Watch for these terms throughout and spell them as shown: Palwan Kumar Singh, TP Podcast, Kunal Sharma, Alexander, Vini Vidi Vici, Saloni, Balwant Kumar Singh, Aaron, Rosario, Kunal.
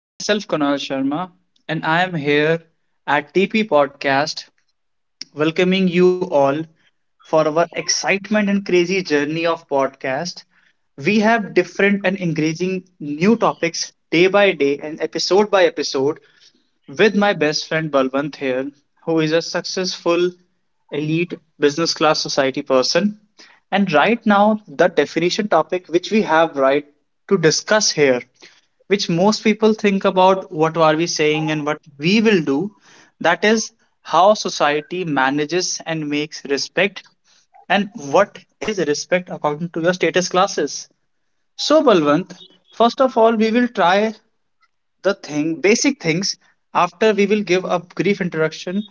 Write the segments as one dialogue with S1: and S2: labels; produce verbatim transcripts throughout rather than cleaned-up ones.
S1: Myself, Kunal Sharma, and I am here at T P Podcast, welcoming you all for our excitement and crazy journey of podcast. We have different and engaging new topics day by day and episode by episode with my best friend Balwant here, who is a successful elite business class society person. And right now, the definition topic which we have right to discuss here, which most people think about what are we saying and what we will do, that is how society manages and makes respect and what is respect according to your status classes. So, Balwant, first of all, we will try the thing basic things after we will give a brief introduction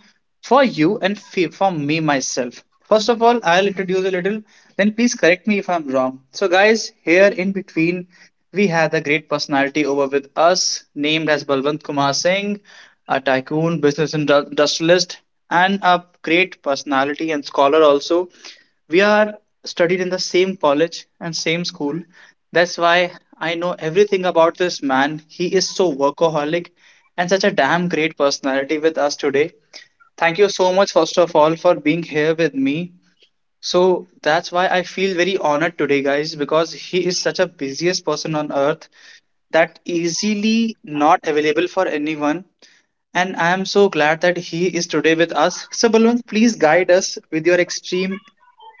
S1: for you and fe- for me myself. First of all, I'll introduce a little, then please correct me if I'm wrong. So guys, here in between, we had a great personality over with us named as Balwant Kumar Singh, a tycoon business indu- industrialist and a great personality and scholar also. We are studied in the same college and same school. That's why I know everything about this man. He is so workaholic and such a damn great personality with us today. Thank you so much, first of all, for being here with me. So that's why I feel very honored today, guys, because he is such a busiest person on earth that easily not available for anyone, and I am so glad that he is today with us. So, Balwant, please guide us with your extreme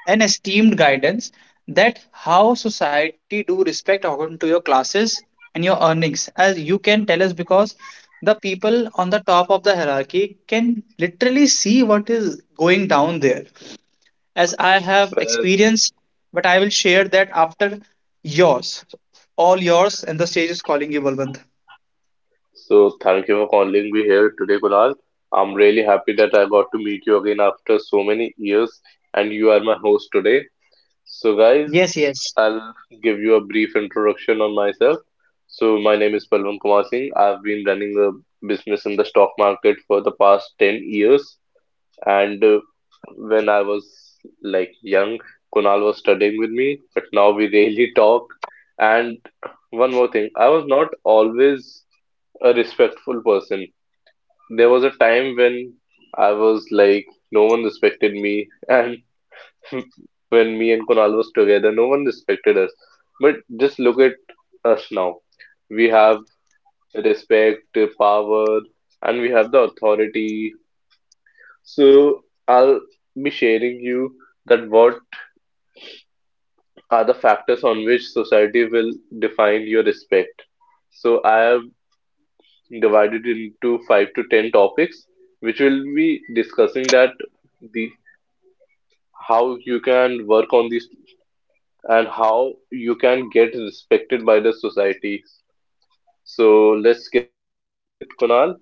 S1: and esteemed guidance that how society do respect according to your classes and your earnings as you can tell us, because the people on the top of the hierarchy can literally see what is going down there as I have
S2: Well,
S1: experienced. But I will share that after yours. All yours, and the stage is calling you, Balwant.
S2: so thank you for calling me here today, Kunal. I'm really happy that I got to meet you again after so many years, and you are my host today. So, guys,
S1: Yes, yes.
S2: I'll give you a brief introduction on myself. So, my name is Palwan Kumar Singh. I've been running a business in the stock market for the past ten years, and uh, when I was like young, Kunal was studying with me, but now we really talk. And one more thing, I was not always a respectful person. There was a time when I was like, no one respected me, and when me and Kunal was together, no one respected us. But just look at us now. We have respect, power, and we have the authority. So I'll be sharing you that what are the factors on which society will define your respect. So I have divided into five to ten topics, which will be discussing that the how you can work on these and how you can get respected by the society. So let's get started with it, Kunal.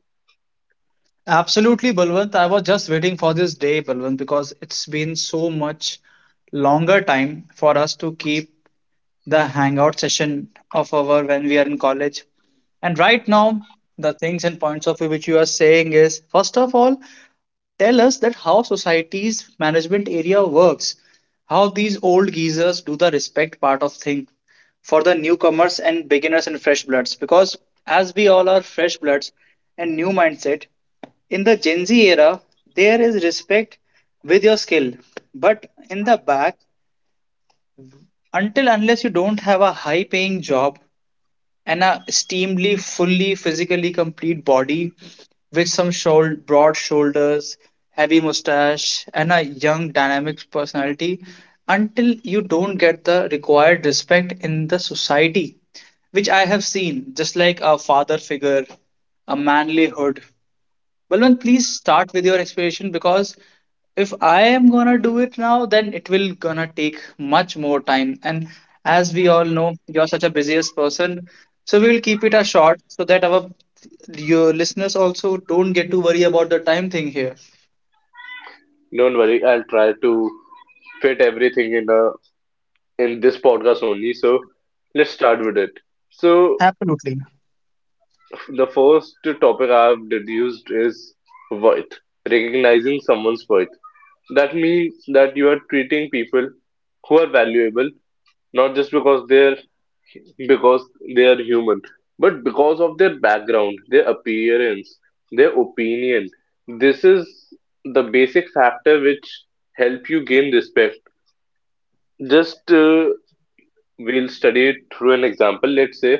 S1: Absolutely, Balwant. I was just waiting for this day, Balwant, because it's been so much longer time for us to keep the hangout session of our when we are in college. And right now, the things and points of view which you are saying is, first of all, tell us that how society's management area works, how these old geezers do the respect part of thing for the newcomers and beginners and fresh bloods. Because as we all are fresh bloods and new mindset, in the Gen Z era, there is respect with your skill. But in the back, until unless you don't have a high paying job and a steamly, fully physically complete body with some shoul- broad shoulders, heavy mustache, and a young, dynamic personality, until you don't get the required respect in the society, which I have seen, just like a father figure, a manlyhood. Balwant, please start with your explanation, because if I am gonna do it now, then it will gonna take much more time. And as we all know, you're such a busiest person, so we will keep it a short so that our your listeners also don't get to worry about the time thing here.
S2: Don't worry, I'll try to fit everything in a in this podcast only. So let's start with it. So
S1: Absolutely.
S2: the first topic I've deduced is worth, recognizing someone's worth. That means that you are treating people who are valuable not just because they're because they are human, but because of their background, their appearance, their opinion. This is the basic factor which help you gain respect. Just uh, we'll study it through an example. Let's say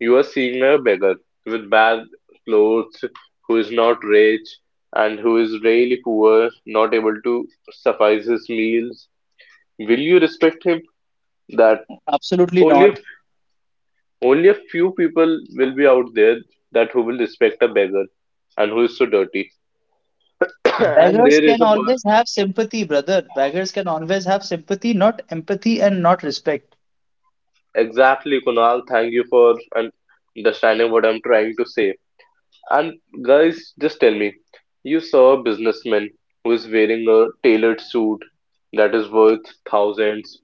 S2: you are seeing a beggar with bad clothes, who is not rich and who is really poor, not able to suffice his meals. Will you respect him? That
S1: Absolutely
S2: only a,
S1: not.
S2: only a few people will be out there that who will respect a beggar and who is so dirty. And
S1: Beggars
S2: there is
S1: can
S2: a person.
S1: always have sympathy, brother. Beggars can always have sympathy, not empathy and not respect.
S2: Exactly, Kunal. Thank you for un- understanding what I'm trying to say. And guys, just tell me, you saw a businessman who is wearing a tailored suit that is worth thousands,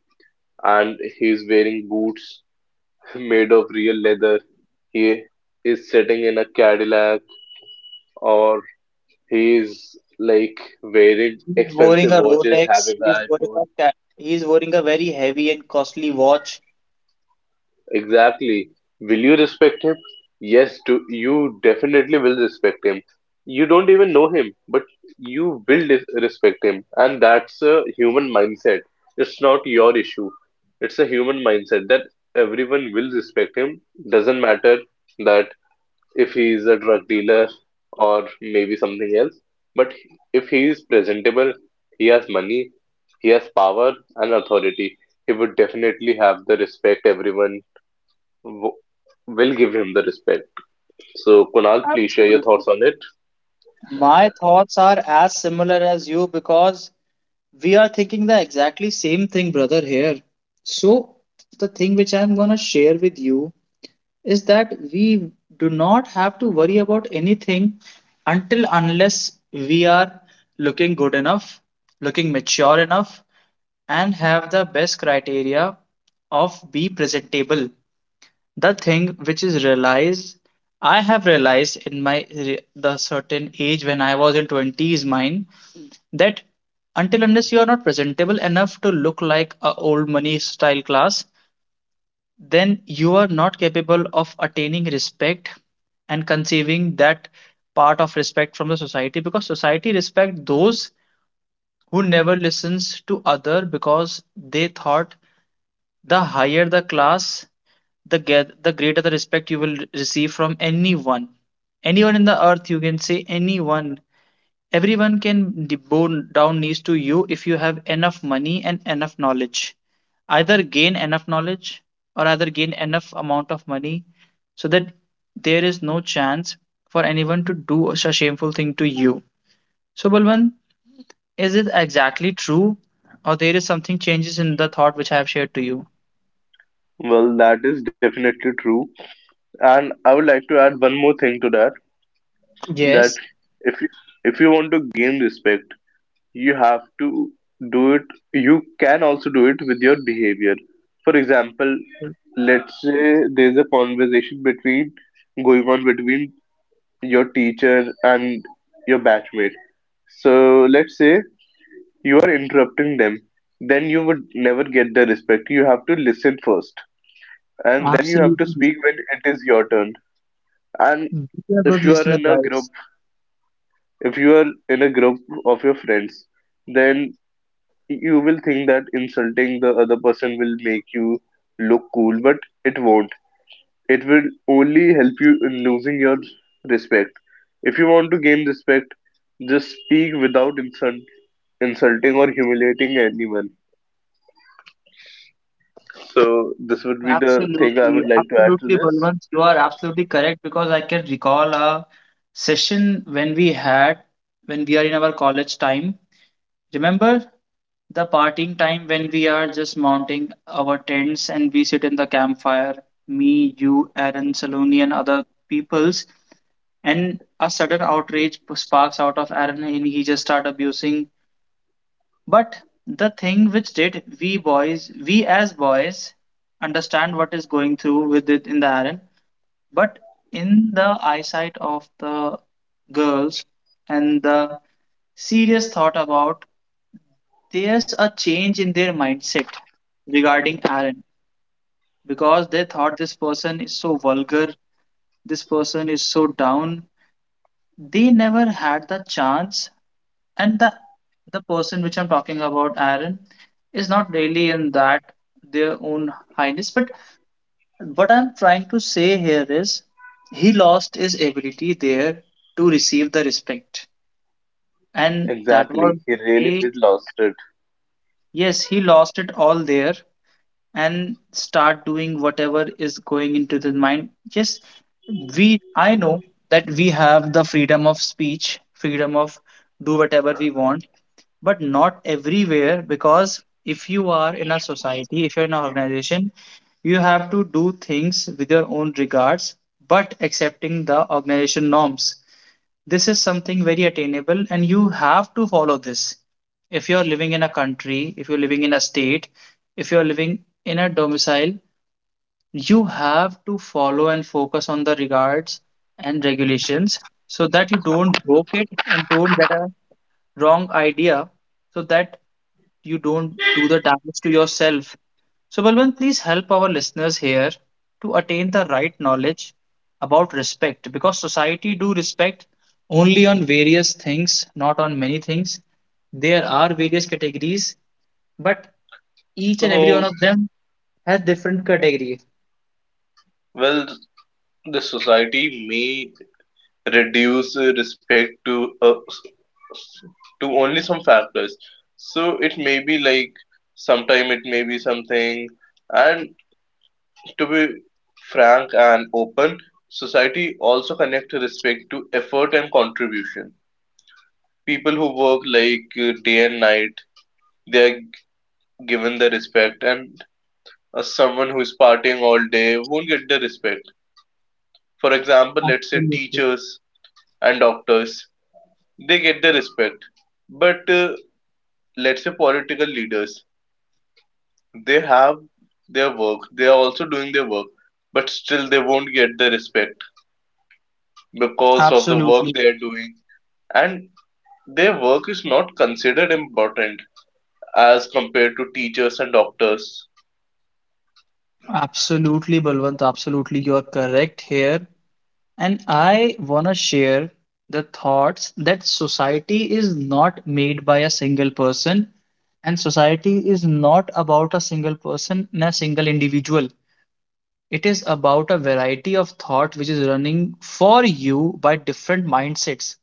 S2: and he's wearing boots made of real leather. He is sitting in a Cadillac or he's like wearing
S1: He's wearing
S2: expensive
S1: a
S2: watches,
S1: Rolex.
S2: having
S1: He's
S2: an
S1: wearing a
S2: iPhone.
S1: ca- he's wearing a very heavy and costly watch.
S2: Exactly. Will you respect him? Yes, do, you definitely will respect him. You don't even know him, but you will dis- respect him. And that's a human mindset. It's not your issue. It's a human mindset that everyone will respect him. Doesn't matter that if he is a drug dealer or maybe something else. But if he is presentable, he has money, he has power and authority. He would definitely have the respect, everyone w- will give him the respect. So, Kunal, please share your
S1: Absolutely.
S2: thoughts on it.
S1: My thoughts are as similar as you, because we are thinking the exactly same thing, brother, here. So the thing which I'm gonna share with you is that we do not have to worry about anything until unless we are looking good enough, looking mature enough, and have the best criteria of be presentable. The thing which is realized, I have realized in my the certain age when I was in twenties mine, that until unless you are not presentable enough to look like a old money style class, then you are not capable of attaining respect and conceiving that part of respect from the society, because society respect those who never listens to other because they thought the higher the class, the get the greater the respect you will receive from anyone. Anyone in the earth, you can say anyone. Everyone can bow down knees to you if you have enough money and enough knowledge. Either gain enough knowledge or either gain enough amount of money so that there is no chance for anyone to do a shameful thing to you. So, Balwant, is it exactly true or there is something changes in the thought which I have shared to you?
S2: Well, that is definitely true, and I would like to add one more thing to that. That
S1: Yes.
S2: if you, if you want to gain respect, you have to do it, you can also do it with your behavior. For example, let's say there's a conversation between going on between your teacher and your batchmate. So let's say you are interrupting them, then you would never get the respect. You have to listen first and then you have to
S1: Absolutely.
S2: speak when it is your turn. And
S1: Be a good
S2: if you are
S1: listener,
S2: in a group
S1: guys.
S2: if you are in a group of your friends, then you will think that insulting the other person will make you look cool, but it won't. It will only help you in losing your respect. If you want to gain respect, just speak without insult, insulting or humiliating anyone. So this would be the thing I would
S1: Absolutely,
S2: like to add to
S1: absolutely,
S2: this.
S1: Balwant. You are absolutely correct because I can recall a session when we had when we are in our college time. Remember the partying time when we are just mounting our tents and we sit in the campfire, me, you, Aaron, Saloni, and other peoples, and a sudden outrage p- sparks out of Aaron and he just start abusing. But the thing which did we boys, we as boys, understand what is going through with it in the harem. But in the eyesight of the girls and the serious thought about, there's a change in their mindset regarding Aaron, because they thought this person is so vulgar, this person is so down. They never had the chance. And the the person which I'm talking about, Aaron, is not really in that their own highness. But what I'm trying to say here is he lost his ability there to receive the respect, and that was
S2: Exactly. He
S1: the
S2: really
S1: day.
S2: did lost it.
S1: Yes, he lost it all there and start doing whatever is going into the mind. Yes, we, I know that we have the freedom of speech, freedom of do whatever we want, but not everywhere, because if you are in a society, if you're in an organization, you have to do things with your own regards but accepting the organization norms. This is something very attainable and you have to follow this. If you're living in a country, if you're living in a state, if you're living in a domicile, you have to follow and focus on the regards and regulations so that you don't broke it and don't get a wrong idea, so that you don't do the damage to yourself. So, Balwant, please help our listeners here to attain the right knowledge about respect, because society do respect only on various things, not on many things. There are various categories, but each and every one
S2: So,
S1: of them has different category.
S2: well, the society may reduce uh, respect to uh, to only some factors, so it may be like sometime it may be something. And to be frank and open, society also connect respect to effort and contribution. People who work like uh, day and night, they are given the respect, and uh, someone who is partying all day won't get the respect. For example, let's say teachers and doctors, they get the respect, but uh, let's say political leaders, they have their work, they are also doing their work, but still they won't get the respect because of
S1: Absolutely.
S2: the work they are doing, and their work is not considered important as compared to teachers and doctors.
S1: Absolutely, Balwant. Absolutely, you are correct here. And I want to share the thoughts that society is not made by a single person, and society is not about a single person and a single individual. It is about a variety of thought which is running for you by different mindsets.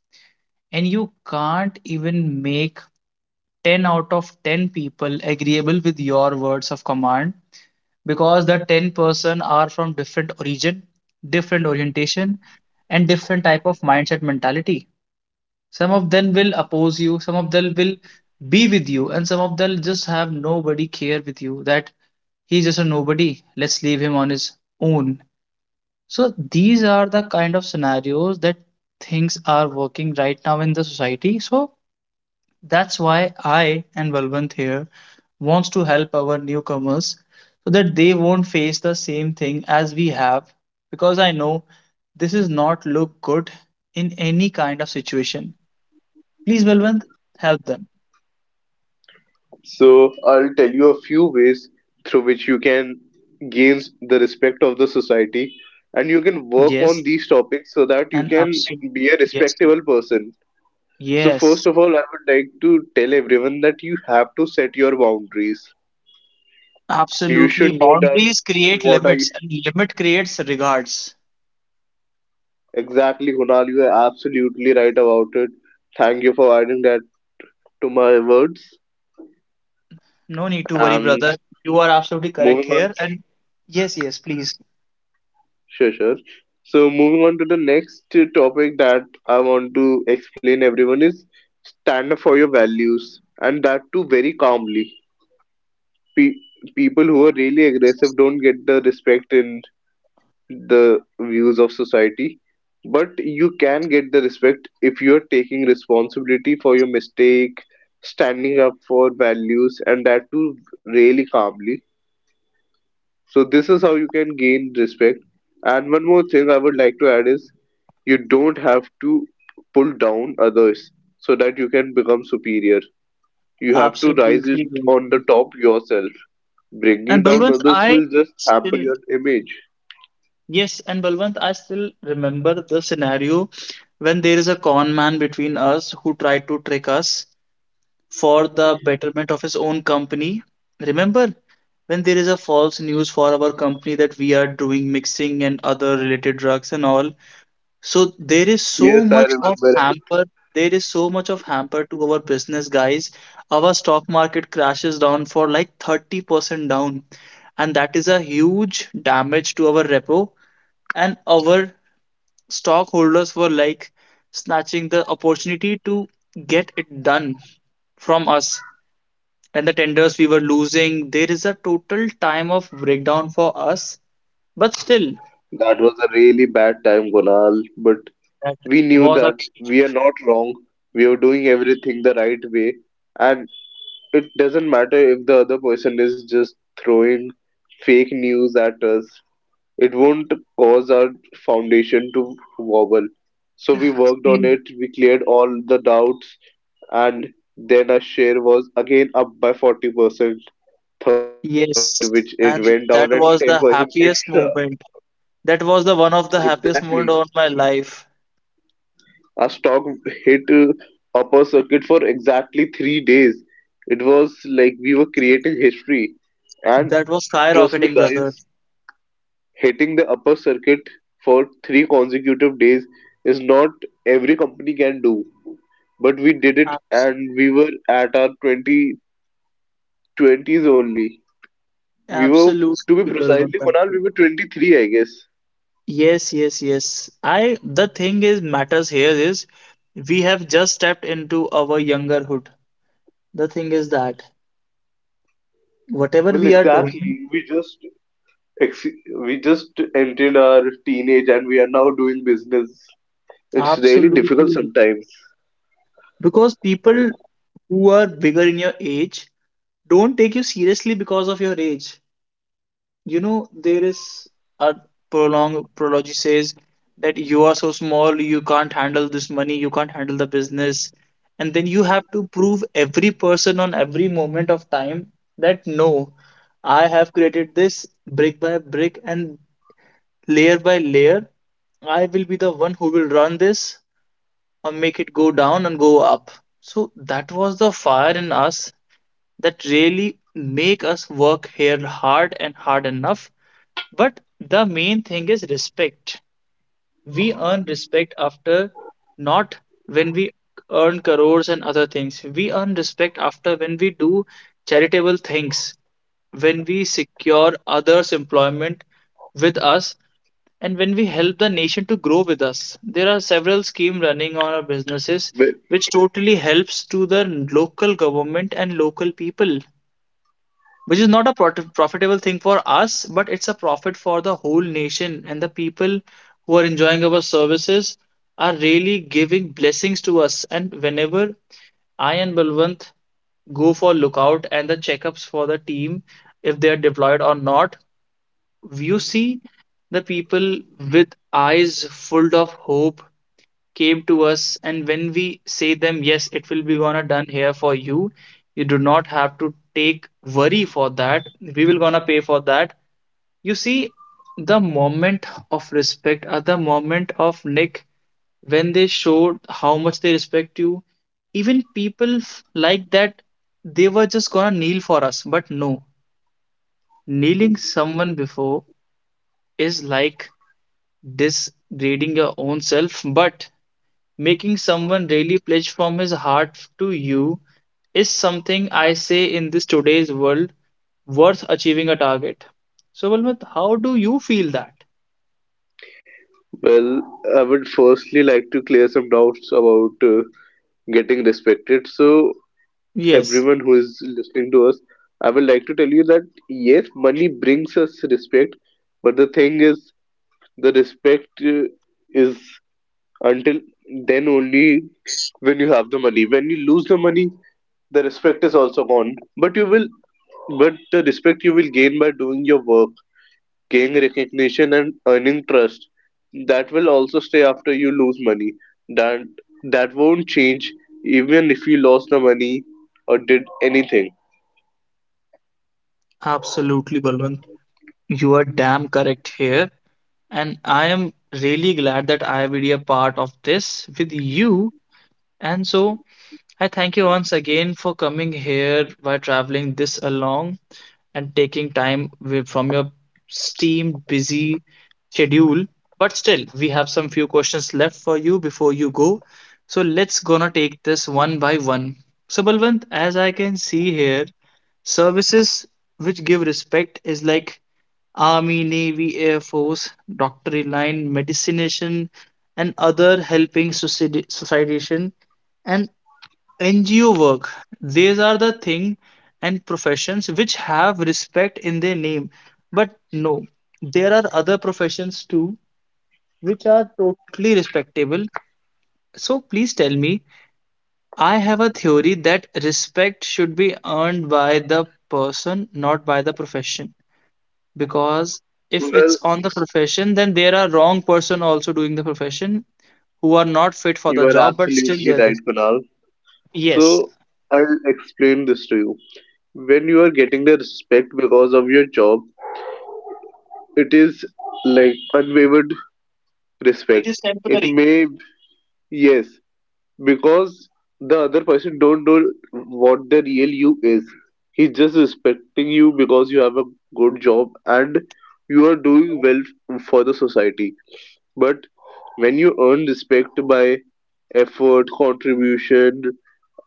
S1: And you can't even make ten out of ten people agreeable with your words of command, because the ten person are from different origin, different orientation, and different type of mindset mentality. Some of them will oppose you, some of them will be with you, and some of them just have nobody care with you, that he's just a nobody, let's leave him on his own. So these are the kind of scenarios that things are working right now in the society. So that's why I and Balwant here wants to help our newcomers so that they won't face the same thing as we have, because I know this is not look good in any kind of situation. Please, Balwant, help them.
S2: So I'll tell you a few ways through which you can gain the respect of the society, and you can work on
S1: Yes,
S2: these topics so that you
S1: and
S2: can
S1: absolutely.
S2: be a
S1: Yes.
S2: respectable person. So first
S1: Yes.
S2: of all, I would like to tell everyone that you have to set your boundaries. You
S1: Absolutely.
S2: should know that
S1: Boundaries create
S2: what are you
S1: limits and limit creates regards.
S2: exactly, Kunal. You are absolutely right about it. Thank you for adding that to my words.
S1: No need to worry,
S2: And
S1: brother. You are absolutely correct
S2: moving on,
S1: here. And yes, yes, please.
S2: sure, sure. So moving on to the next topic that I want to explain everyone is, stand up for your values, and that too very calmly. Pe- people who are really aggressive don't get the respect in the views of society, but you can get the respect if you're taking responsibility for your mistake, standing up for values, and that too really calmly. So this is how you can gain respect. And one more thing I would like to add is, you don't have to pull down others so that you can become superior. You have to rise it
S1: Absolutely.
S2: on the top yourself.
S1: And
S2: Bringing down
S1: Balwant,
S2: others
S1: I
S2: will just hamper
S1: still,
S2: your image.
S1: yes, and Balwant, I still remember the scenario when there is a con man between us who tried to trick us for the betterment of his own company. Remember when there is a false news for our company that we are doing mixing and other related drugs and all, so there is so
S2: Yes, I
S1: much of
S2: remember.
S1: hamper. There is so much of hamper to our business, guys. Our stock market crashes down for like thirty percent down, and that is a huge damage to our repo. And our stockholders were like snatching the opportunity to get it done from us. And the tenders we were losing, there is a total time of breakdown for us. But still,
S2: That was a really bad time, Kunal, but
S1: that
S2: we knew
S1: was
S2: that we are not wrong. We are doing everything the right way, and it doesn't matter if the other person is just throwing fake news at us. It won't cause our foundation to wobble. So we worked on
S1: a
S2: it, we cleared all the doubts, and then our share was again up by forty percent,
S1: yes,
S2: thirty percent, which
S1: and
S2: it went
S1: that
S2: down, and
S1: was the
S2: ten percent
S1: happiest
S2: extra.
S1: moment. That was the one of the happiest moment
S2: Exactly.
S1: of my life.
S2: Our stock hit uh, upper circuit for exactly three days. It was like we were creating history. And
S1: That was
S2: trust me,
S1: skyrocketing, brother.
S2: guys, hitting the upper circuit for three consecutive days is not every company can do. But we did it,
S1: Abs
S2: and we were at our twenty twenties only. We were, to
S1: Absolutely,
S2: be
S1: Balwant.
S2: precisely, Kunal, we were twenty-three, I guess.
S1: Yes, yes, yes. I the thing is matters here is we have just stepped into our youngerhood. The thing is that whatever
S2: Well,
S1: we are doing,
S2: exactly. We just ex we just entered our teenage and we are now doing business. It's really difficult
S1: absolutely,
S2: sometimes.
S1: because people who are bigger in your age don't take you seriously because of your age. You know, there is a prolong prology says that you are so small, you can't handle this money, you can't handle the business. And then you have to prove every person on every moment of time that no, I have created this brick by brick and layer by layer. I will be the one who will run this or make it go down and go up. So that was the fire in us that really make us work here hard and hard enough. But the main thing is respect. We earn respect after, not when we earn crores and other things. We earn respect after when we do charitable things, when we secure others' employment with us, and when we help the nation to grow with us. There are several schemes running on our businesses
S2: But,
S1: which totally helps to the local government and local people, which is not a profit profitable thing for us, but it's a profit for the whole nation. And the people who are enjoying our services are really giving blessings to us. And whenever I and Balwant go for lookout and the checkups for the team, if they are deployed or not, you see the people with eyes full of hope came to us, and when we say them yes, it will be gonna done here for you, you do not have to take worry for that, we will gonna pay for that, you see the moment of respect or the moment of nick, when they showed how much they respect you. Even people like that, they were just gonna kneel for us. But no, kneeling someone before is like degrading your own self. But making someone really pledge from his heart to you is something I say in this today's world worth achieving a target. So, Balwant, how do you feel that?
S2: well, I would firstly like to clear some doubts about uh, getting respected. So,
S1: Yes,
S2: everyone who is listening to us, I would like to tell you that yes, money brings us respect, but the thing is, the respect uh, is until then only when you have the money. When you lose the money, the respect is also gone. But you will, but the respect you will gain by doing your work, gain recognition and earning trust, that will also stay after you lose money. That that won't change even if you lost the money or did anything.
S1: absolutely, Balwant. You are damn correct here. And I am really glad that I will be a part of this with you. And so I thank you once again for coming here by traveling this along and taking time away from your steam busy schedule. But still, we have some few questions left for you before you go. So let's gonna take this one by one. So Balwant, as I can see here, services which give respect is like Army, Navy, Air Force, doctorate line, medicination, and other helping society, societization, and N G O work. These are the thing and professions which have respect in their name. But no, there are other professions too which are totally respectable. So please tell me, I have a theory that respect should be earned by the person, not by the profession. Because if
S2: Well,
S1: it's on the profession, then there are wrong person also doing the profession who are not fit for
S2: you
S1: the
S2: are
S1: job, but still
S2: absolutely
S1: they're there.
S2: right, Kunal.
S1: Yes,
S2: So I'll explain this to you. When you are getting the respect because of your job, it is like unwavered
S1: it
S2: respect.
S1: is
S2: It
S1: temporary.
S2: may Yes, because the other person don't know what the real you is, he's just respecting you because you have a good job and you are doing well for the society. But when you earn respect by effort, contribution,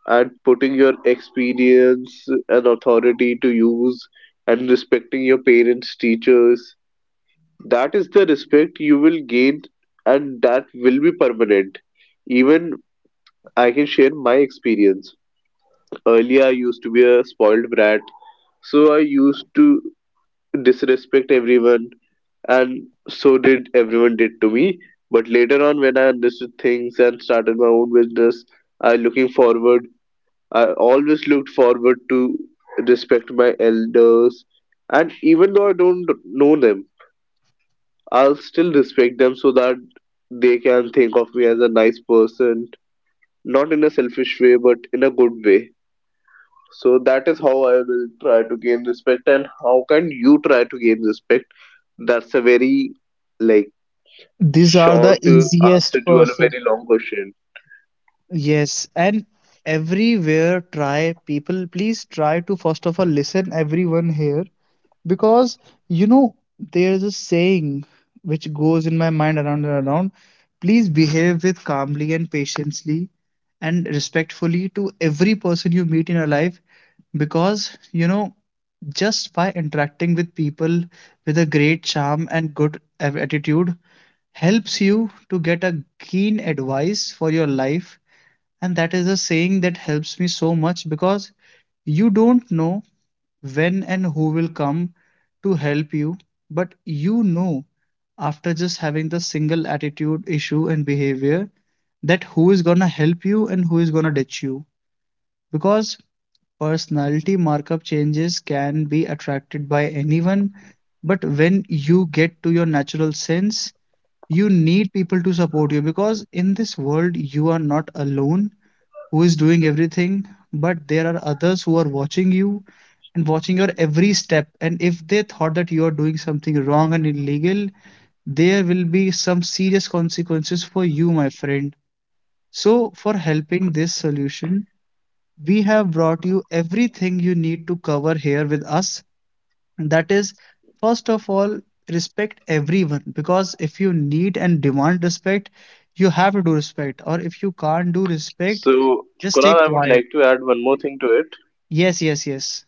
S2: and putting your experience and authority to use, and respecting your parents, teachers, that is the respect you will gain, and that will be permanent even. I can share my experience. Earlier, I used to be a spoiled brat, so I used to disrespect everyone, and so did everyone did to me. But later on, when I understood things and started my own business, I looking forward. I always looked forward to respect my elders, and even though I don't know them, I'll still respect them so that they can think of me as a nice person, not in a selfish way, but in a good way. So that is how I will try to gain respect, and how can you try to gain respect? That's a very like
S1: These are the
S2: short uh, answer
S1: easiest
S2: to a
S1: process.
S2: very long question.
S1: Yes, and everywhere try, people, please try to first of all listen everyone here, because you know there's a saying which goes in my mind around and around: please behave with calmly and patiently and respectfully to every person you meet in your life, because you know, just by interacting with people with a great charm and good a- attitude helps you to get a keen advice for your life. And that is a saying that helps me so much, because you don't know when and who will come to help you, but you know, after just having the single attitude, issue, and behavior, that who is gonna help you and who is gonna ditch you. Because personality markup changes can be attracted by anyone, but when you get to your natural sense, you need people to support you because in this world you are not alone who is doing everything, but there are others who are watching you and watching your every step. And if they thought that you are doing something wrong and illegal, there will be some serious consequences for you, my friend. So, for helping this solution, we have brought you everything you need to cover here with us. That is, first of all, respect everyone, because if you need and demand respect, you have to do respect, or if you can't do respect,
S2: So,
S1: just stay
S2: Kunal, I would
S1: quiet.
S2: like to add one more thing to it.
S1: Yes, yes, yes.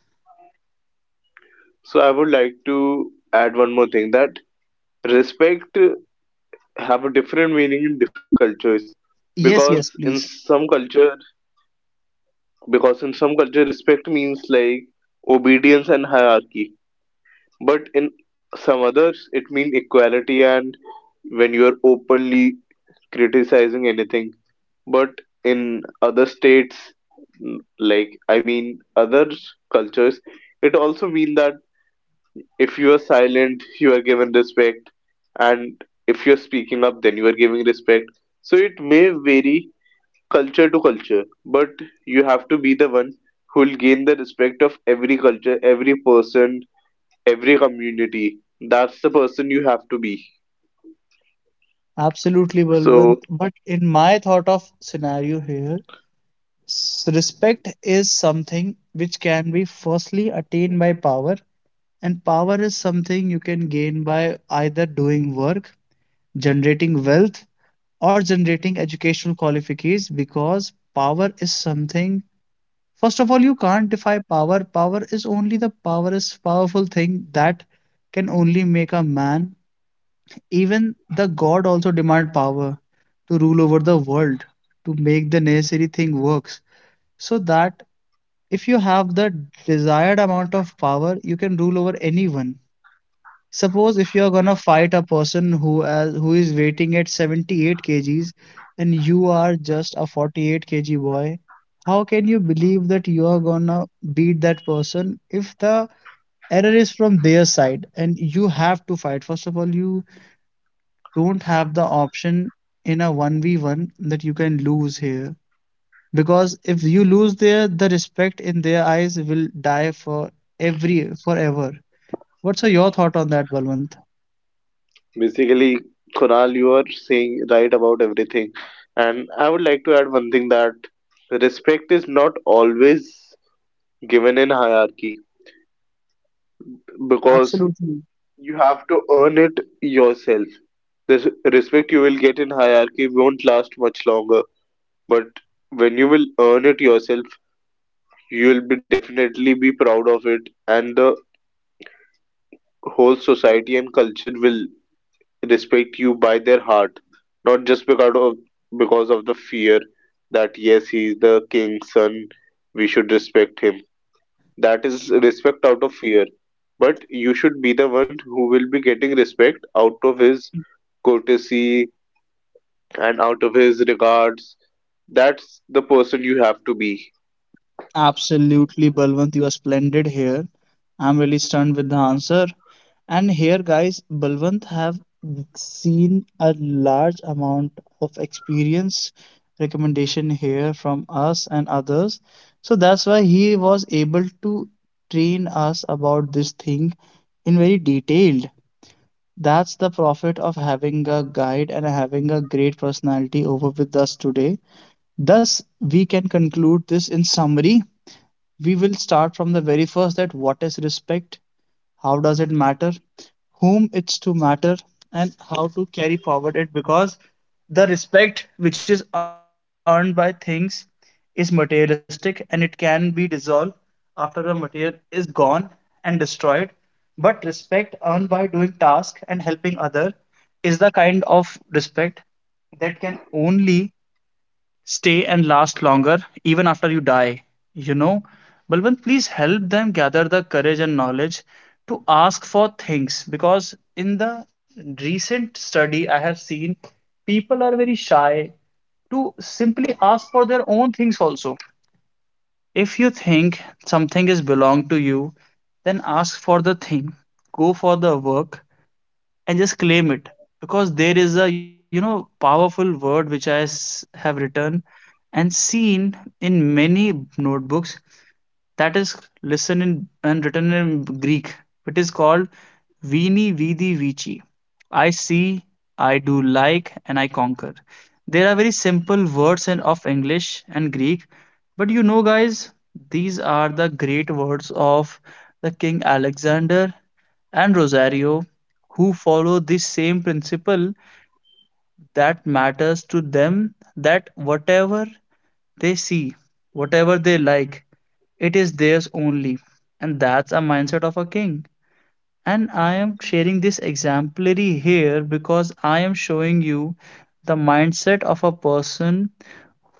S2: So, I would like to add one more thing that respect uh, have a different meaning in different cultures,
S1: Yes, yes,
S2: because in
S1: please.
S2: some culture, because in some culture, respect means like obedience and hierarchy, but in some others, it means equality, and when you're openly criticizing anything. But in other states, n- like I mean other cultures, it also mean that if you are silent, you are given respect, and if you're speaking up, then you are giving respect. So it may vary culture to culture, but you have to be the one who will gain the respect of every culture, every person, every community. That's the person you have to be.
S1: Absolutely,
S2: So
S1: Balwant. But in my thought of scenario here, s- respect is something which can be firstly attained by power, and power is something you can gain by either doing work, generating wealth, or generating educational qualifications, because power is something, first of all you can't defy power, power is only the power is powerful thing that can only make a man. Even the god also demand power to rule over the world, to make the necessary thing works. So that if you have the desired amount of power, you can rule over anyone. Suppose if you are gonna fight a person who has, who is weighting at seventy-eight kgs and you are just a forty-eight kilogram boy, how can you believe that you are gonna beat that person if the error is from their side and you have to fight? First of all, you don't have the option in a one v one that you can lose here. Because if you lose there, the respect in their eyes will die for every forever. What's uh, your thought on that, Balwant?
S2: basically, Kunal, you are saying right about everything. And I would like to add one thing that respect is not always given in hierarchy, because
S1: Absolutely.
S2: you have to earn it yourself. The respect you will get in hierarchy won't last much longer, but when you will earn it yourself, you will be definitely be proud of it, and the whole society and culture will respect you by their heart, not just because of because of the fear that yes, he is the king's son, we should respect him. That is respect out of fear. But you should be the one who will be getting respect out of his courtesy and out of his regards. That's the person you have to be.
S1: Absolutely, Balwant, you are splendid here. I'm really stunned with the answer. And here, guys, Balwant have seen a large amount of experience recommendation here from us and others. So that's why he was able to train us about this thing in very detailed. That's the profit of having a guide and having a great personality over with us today. Thus, we can conclude this in summary: we will start from the very first, that what is respect, how does it matter, whom it's to matter, and how to carry forward it, because the respect which is earned by things is materialistic, and it can be dissolved after the material is gone and destroyed. But respect earned by doing task and helping other is the kind of respect that can only stay and last longer, even after you die. You know, Balwant, please help them gather the courage and knowledge to ask for things, because in the recent study I have seen people are very shy to simply ask for their own things also. If you think something is belong to you, then ask for the thing, go for the work, and just claim it. Because there is a, you know, powerful word which i s- have written and seen in many notebooks, that is written in and written in Greek. It is called Vini Vidi Vici. I see, I do like, and I conquer. There are very simple words in, of English and Greek, but you know, guys, these are the great words of the King Alexander and Rosario who follow this same principle, that matters to them that whatever they see, whatever they like, it is theirs only. And that's a mindset of a king. And I am sharing this exemplary here because I am showing you the mindset of a person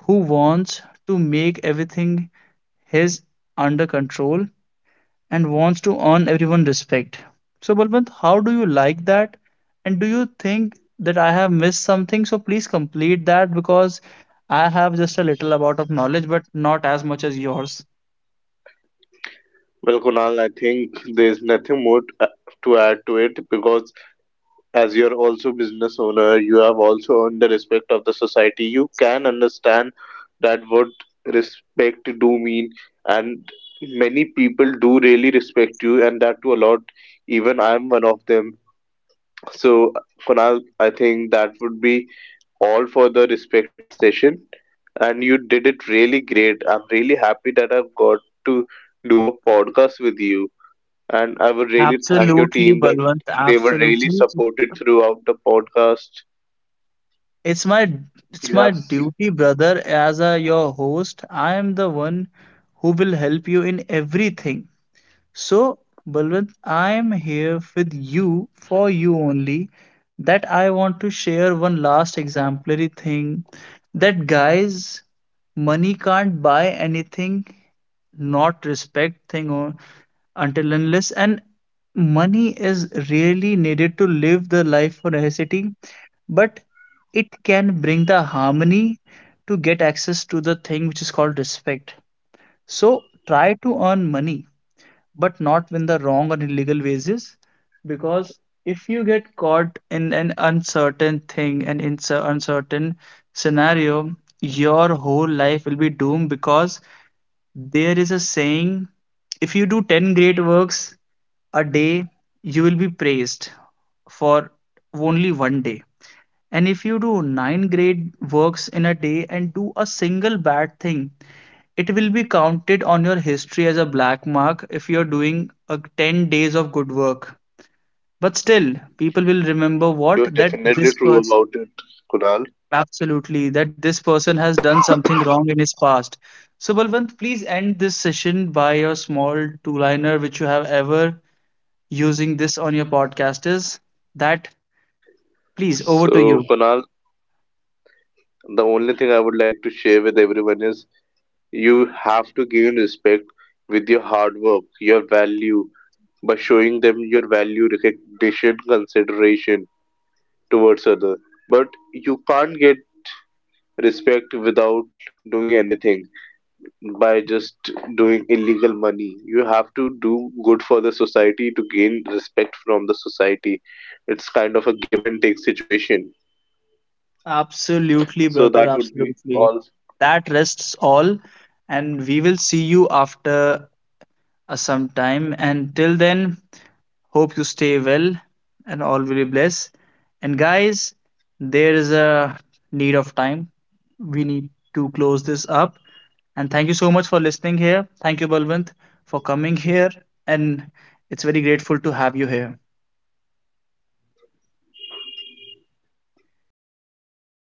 S1: who wants to make everything his under control and wants to earn everyone respect. So Balwant, how do you like that? And do you think that I have missed something? So please complete that, because I have just a little amount of knowledge, but not as much as yours.
S2: Well, Kunal, I think there's nothing more t- to add to it, because as you're also business owner, you have also earned the respect of the society, you can understand that what respect do mean. And many people do really respect you, and that too a lot, even I'm one of them. So, Kunal, I think that would be all for the respect session, and you did it really great. I'm really happy that I've got to do a podcast with you, and I would really thank your
S1: Absolutely,
S2: team that
S1: Balwant.
S2: they were really
S1: Absolutely.
S2: supported throughout the podcast.
S1: It's my, it's
S2: You
S1: my
S2: have, s-
S1: duty, brother, as a your host. I am the one who will help you in everything. So, Balwant, I am here with you for you only. That I want to share one last exemplary thing, that guys, money can't buy anything, not respect thing or until unless, and money is really needed to live the life for necessity, but it can bring the harmony to get access to the thing which is called respect. So try to earn money, but not when the wrong or illegal ways is, because if you get caught in an uncertain thing and in an uncertain scenario, your whole life will be doomed. Because there is a saying, if you do ten great works a day, you will be praised for only one day, and if you do nine great works in a day and do a single bad thing, it will be counted on your history as a black mark if you're doing a ten days of good work. But still people will remember what
S2: you're
S1: that
S2: definitely
S1: this
S2: true
S1: person,
S2: about it, Kunal.
S1: absolutely, that this person has done something wrong in his past. So Balwant, please end this session by your small two liner which you have ever using this on your podcast, is that, please, over to
S2: So,
S1: you.
S2: Kunal, the only thing I would like to share with everyone is, you have to gain respect with your hard work, your value, by showing them your value, recognition, consideration towards other. But you can't get respect without doing anything, by just doing illegal money. You have to do good for the society to gain respect from the society. It's kind of a give and take situation.
S1: Absolutely,
S2: So
S1: brother,
S2: that would be
S1: absolutely.
S2: all
S1: That rests all, and we will see you after uh, some time. And till then, hope you stay well and all will be blessed. And guys, there is a need of time. We need to close this up. And thank you so much for listening here. Thank you, Balwant, for coming here. And it's very grateful to have you here.